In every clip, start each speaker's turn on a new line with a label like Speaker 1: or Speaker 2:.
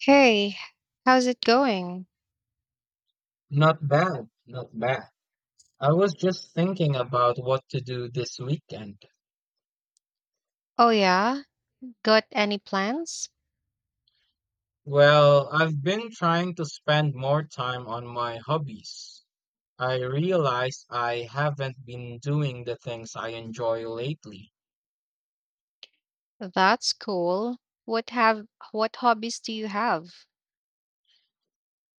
Speaker 1: Hey, how's it going?
Speaker 2: Not bad, not bad. I was just thinking about what to do this weekend.
Speaker 1: Oh yeah, got any plans?
Speaker 2: Well, I've been trying to spend more time on my hobbies. I realize I haven't been doing the things I enjoy lately.
Speaker 1: That's cool. What have what hobbies do you have?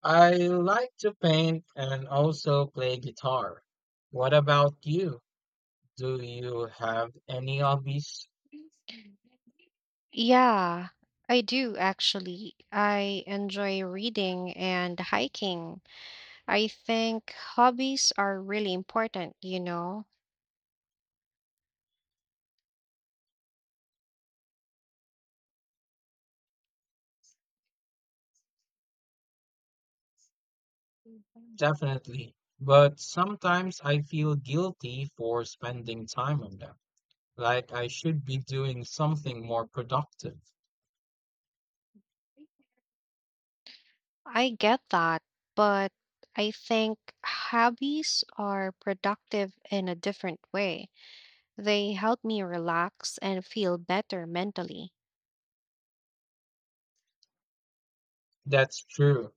Speaker 2: I like to paint and also play guitar. What about you? Do you have any hobbies?
Speaker 1: Yeah, I do actually. I enjoy reading and hiking. I think hobbies are really important,
Speaker 2: Definitely. But sometimes I feel guilty for spending time on them, like I should be doing something more productive.
Speaker 1: I get that, but I think hobbies are productive in a different way. They help me relax and feel better mentally.
Speaker 2: That's true.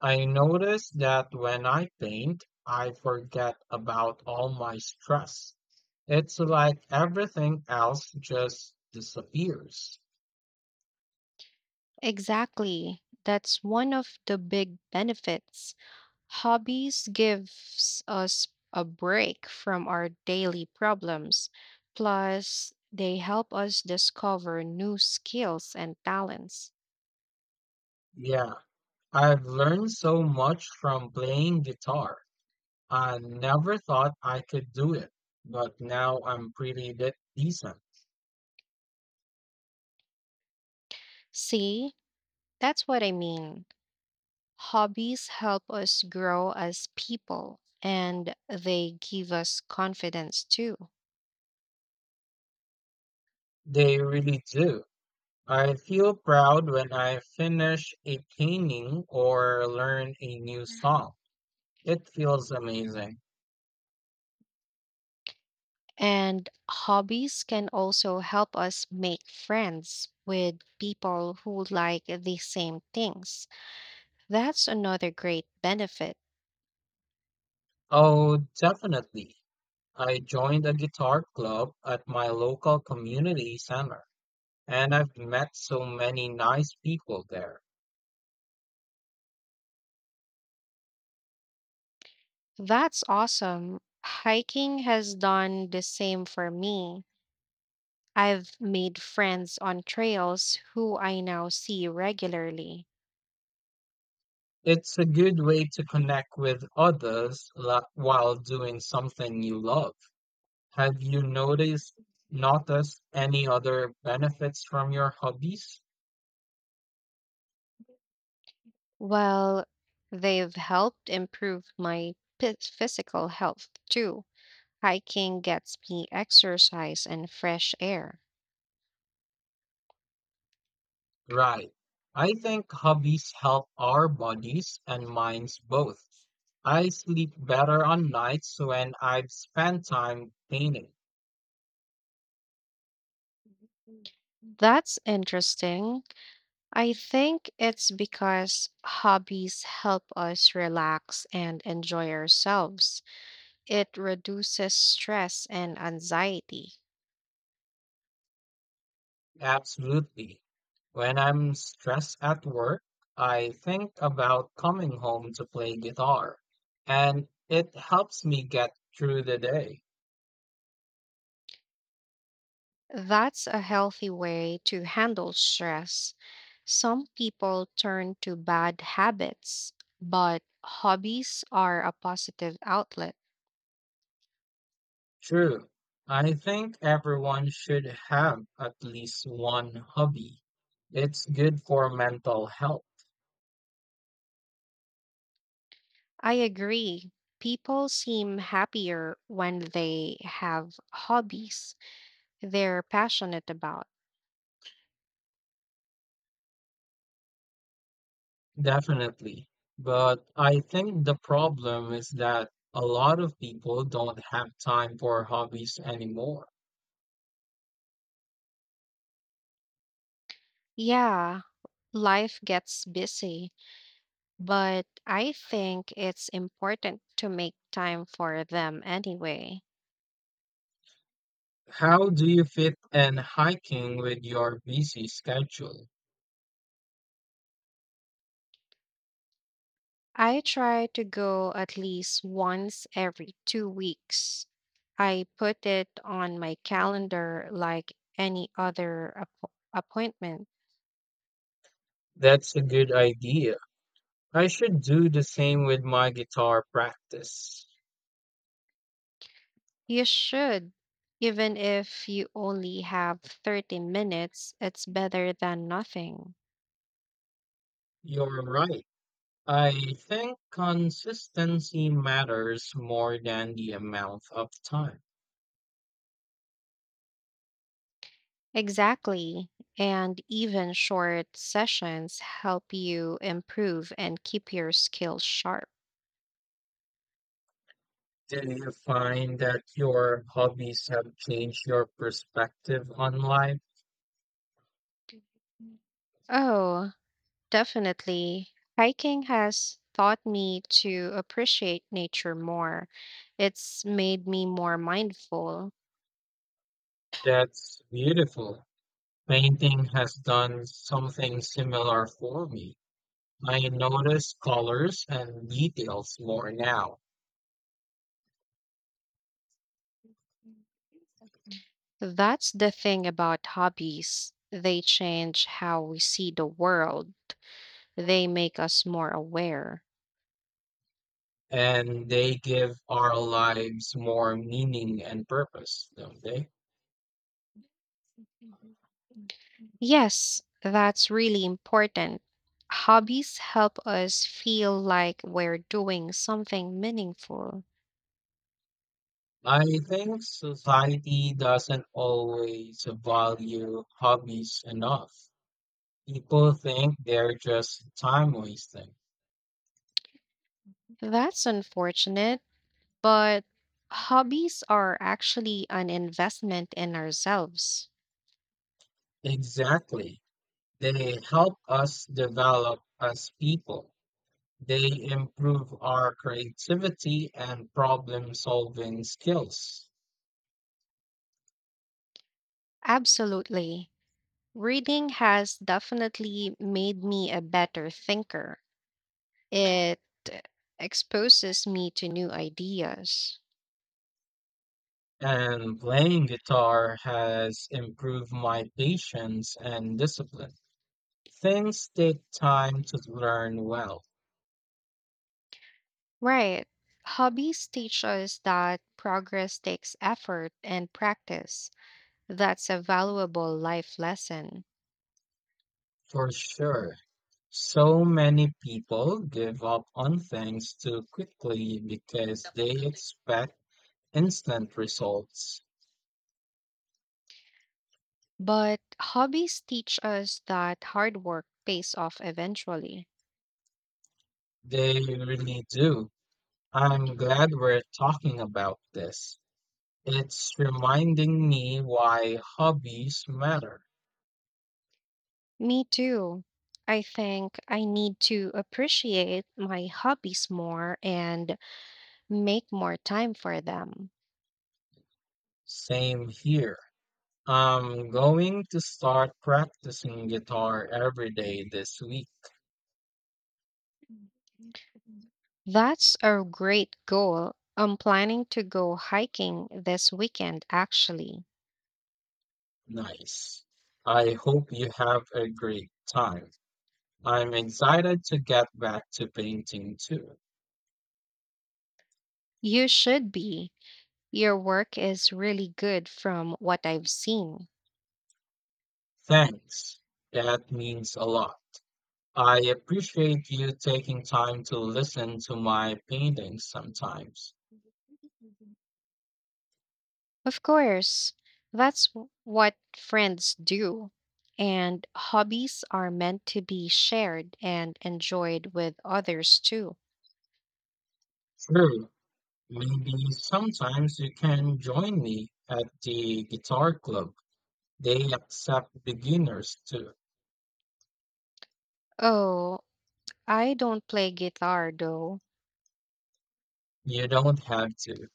Speaker 2: I notice that when I paint, I forget about all my stress. It's like everything else just disappears.
Speaker 1: Exactly. That's one of the big benefits. Hobbies gives us a break from our daily problems. Plus, they help us discover new skills and talents.
Speaker 2: Yeah, I've learned so much from playing guitar. I never thought I could do it, but now I'm pretty decent.
Speaker 1: See, that's what I mean. Hobbies help us grow as people and they give us confidence too.
Speaker 2: They really do. I feel proud when I finish a painting or learn a new song. It feels amazing.
Speaker 1: And hobbies can also help us make friends with people who like the same things. That's another great benefit.
Speaker 2: Oh, definitely. I joined a guitar club at my local community center, and I've met so many nice people there.
Speaker 1: That's awesome. Hiking has done the same for me. I've made friends on trails who I now see regularly.
Speaker 2: It's a good way to connect with others while doing something you love. Have you noticed any other benefits from your hobbies?
Speaker 1: Well, they've helped improve my physical health too. Hiking gets me exercise and fresh air.
Speaker 2: Right. I think hobbies help our bodies and minds both. I sleep better on nights when I've spent time painting.
Speaker 1: That's interesting. I think it's because hobbies help us relax and enjoy ourselves. It reduces stress and anxiety.
Speaker 2: Absolutely. When I'm stressed at work, I think about coming home to play guitar, and it helps me get through the day.
Speaker 1: That's a healthy way to handle stress. Some people turn to bad habits, but hobbies are a positive outlet.
Speaker 2: True. I think everyone should have at least one hobby. It's good for mental health.
Speaker 1: I agree. People seem happier when they have hobbies they're passionate about.
Speaker 2: Definitely. But I think the problem is that a lot of people don't have time for hobbies anymore.
Speaker 1: Yeah, life gets busy, but I think it's important to make time for them anyway.
Speaker 2: How do you fit in hiking with your busy schedule?
Speaker 1: I try to go at least once every 2 weeks. I put it on my calendar like any other appointment.
Speaker 2: That's a good idea. I should do the same with my guitar practice.
Speaker 1: You should, even if you only have 30 minutes, it's better than nothing.
Speaker 2: You're right. I think consistency matters more than the amount of time.
Speaker 1: Exactly. And even short sessions help you improve and keep your skills sharp.
Speaker 2: Do you find that your hobbies have changed your perspective on life?
Speaker 1: Oh, definitely. Hiking has taught me to appreciate nature more. It's made me more mindful.
Speaker 2: That's beautiful. Painting has done something similar for me. I notice colors and details more now,
Speaker 1: That's the thing about hobbies. They change how we see the world, they make us more aware.
Speaker 2: and they give our lives more meaning and purpose, don't they?
Speaker 1: Yes, that's really important. Hobbies help us feel like we're doing something meaningful.
Speaker 2: I think society doesn't always value hobbies enough. People think they're just time wasting.
Speaker 1: That's unfortunate, but hobbies are actually an investment in ourselves.
Speaker 2: Exactly. They help us develop as people. They improve our creativity and problem solving skills.
Speaker 1: Absolutely. Reading has definitely made me a better thinker. It exposes me to new ideas.
Speaker 2: And playing guitar has improved my patience and discipline. Things take time to learn well,
Speaker 1: Right. Hobbies teach us that progress takes effort and practice. That's a valuable life lesson.
Speaker 2: for sure. So many people give up on things too quickly because they expect instant results.
Speaker 1: But hobbies teach us that hard work pays off eventually.
Speaker 2: They really do. I'm glad we're talking about this. It's reminding me why hobbies matter.
Speaker 1: Me too. I think I need to appreciate my hobbies more and make more time for them.
Speaker 2: Same here. I'm going to start practicing guitar every day this week.
Speaker 1: That's a great goal. I'm planning to go hiking this weekend, actually.
Speaker 2: Nice. I hope you have a great time. I'm excited to get back to painting too.
Speaker 1: You should be. Your work is really good from what I've seen.
Speaker 2: Thanks. That means a lot. I appreciate you taking time to listen to my paintings sometimes.
Speaker 1: Of course, that's what friends do. And hobbies are meant to be shared and enjoyed with others too.
Speaker 2: Sure, maybe sometimes you can join me at the guitar club. They accept beginners too.
Speaker 1: Oh, I don't play guitar though.
Speaker 2: You don't have to.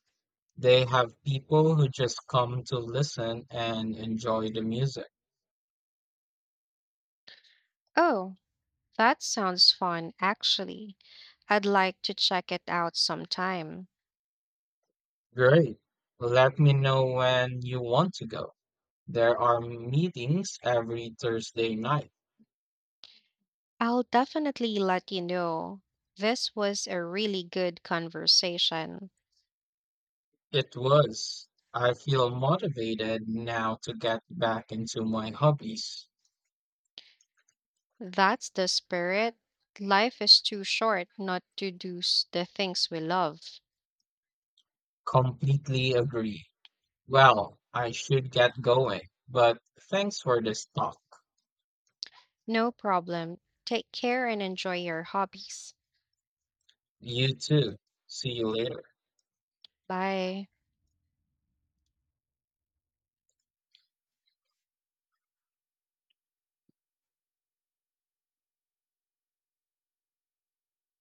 Speaker 2: They have people who just come to listen and enjoy the music.
Speaker 1: Oh, that sounds fun actually. I'd like to check it out sometime.
Speaker 2: Great. Let me know when you want to go. There are meetings every Thursday night.
Speaker 1: I'll definitely let you know. This was a really good conversation.
Speaker 2: It was. I feel motivated now to get back into my hobbies.
Speaker 1: That's the spirit. Life is too short not to do the things we love.
Speaker 2: Completely agree. Well, I should get going, but thanks for this talk.
Speaker 1: No problem. Take care and enjoy your hobbies.
Speaker 2: You too. See you later.
Speaker 1: Bye.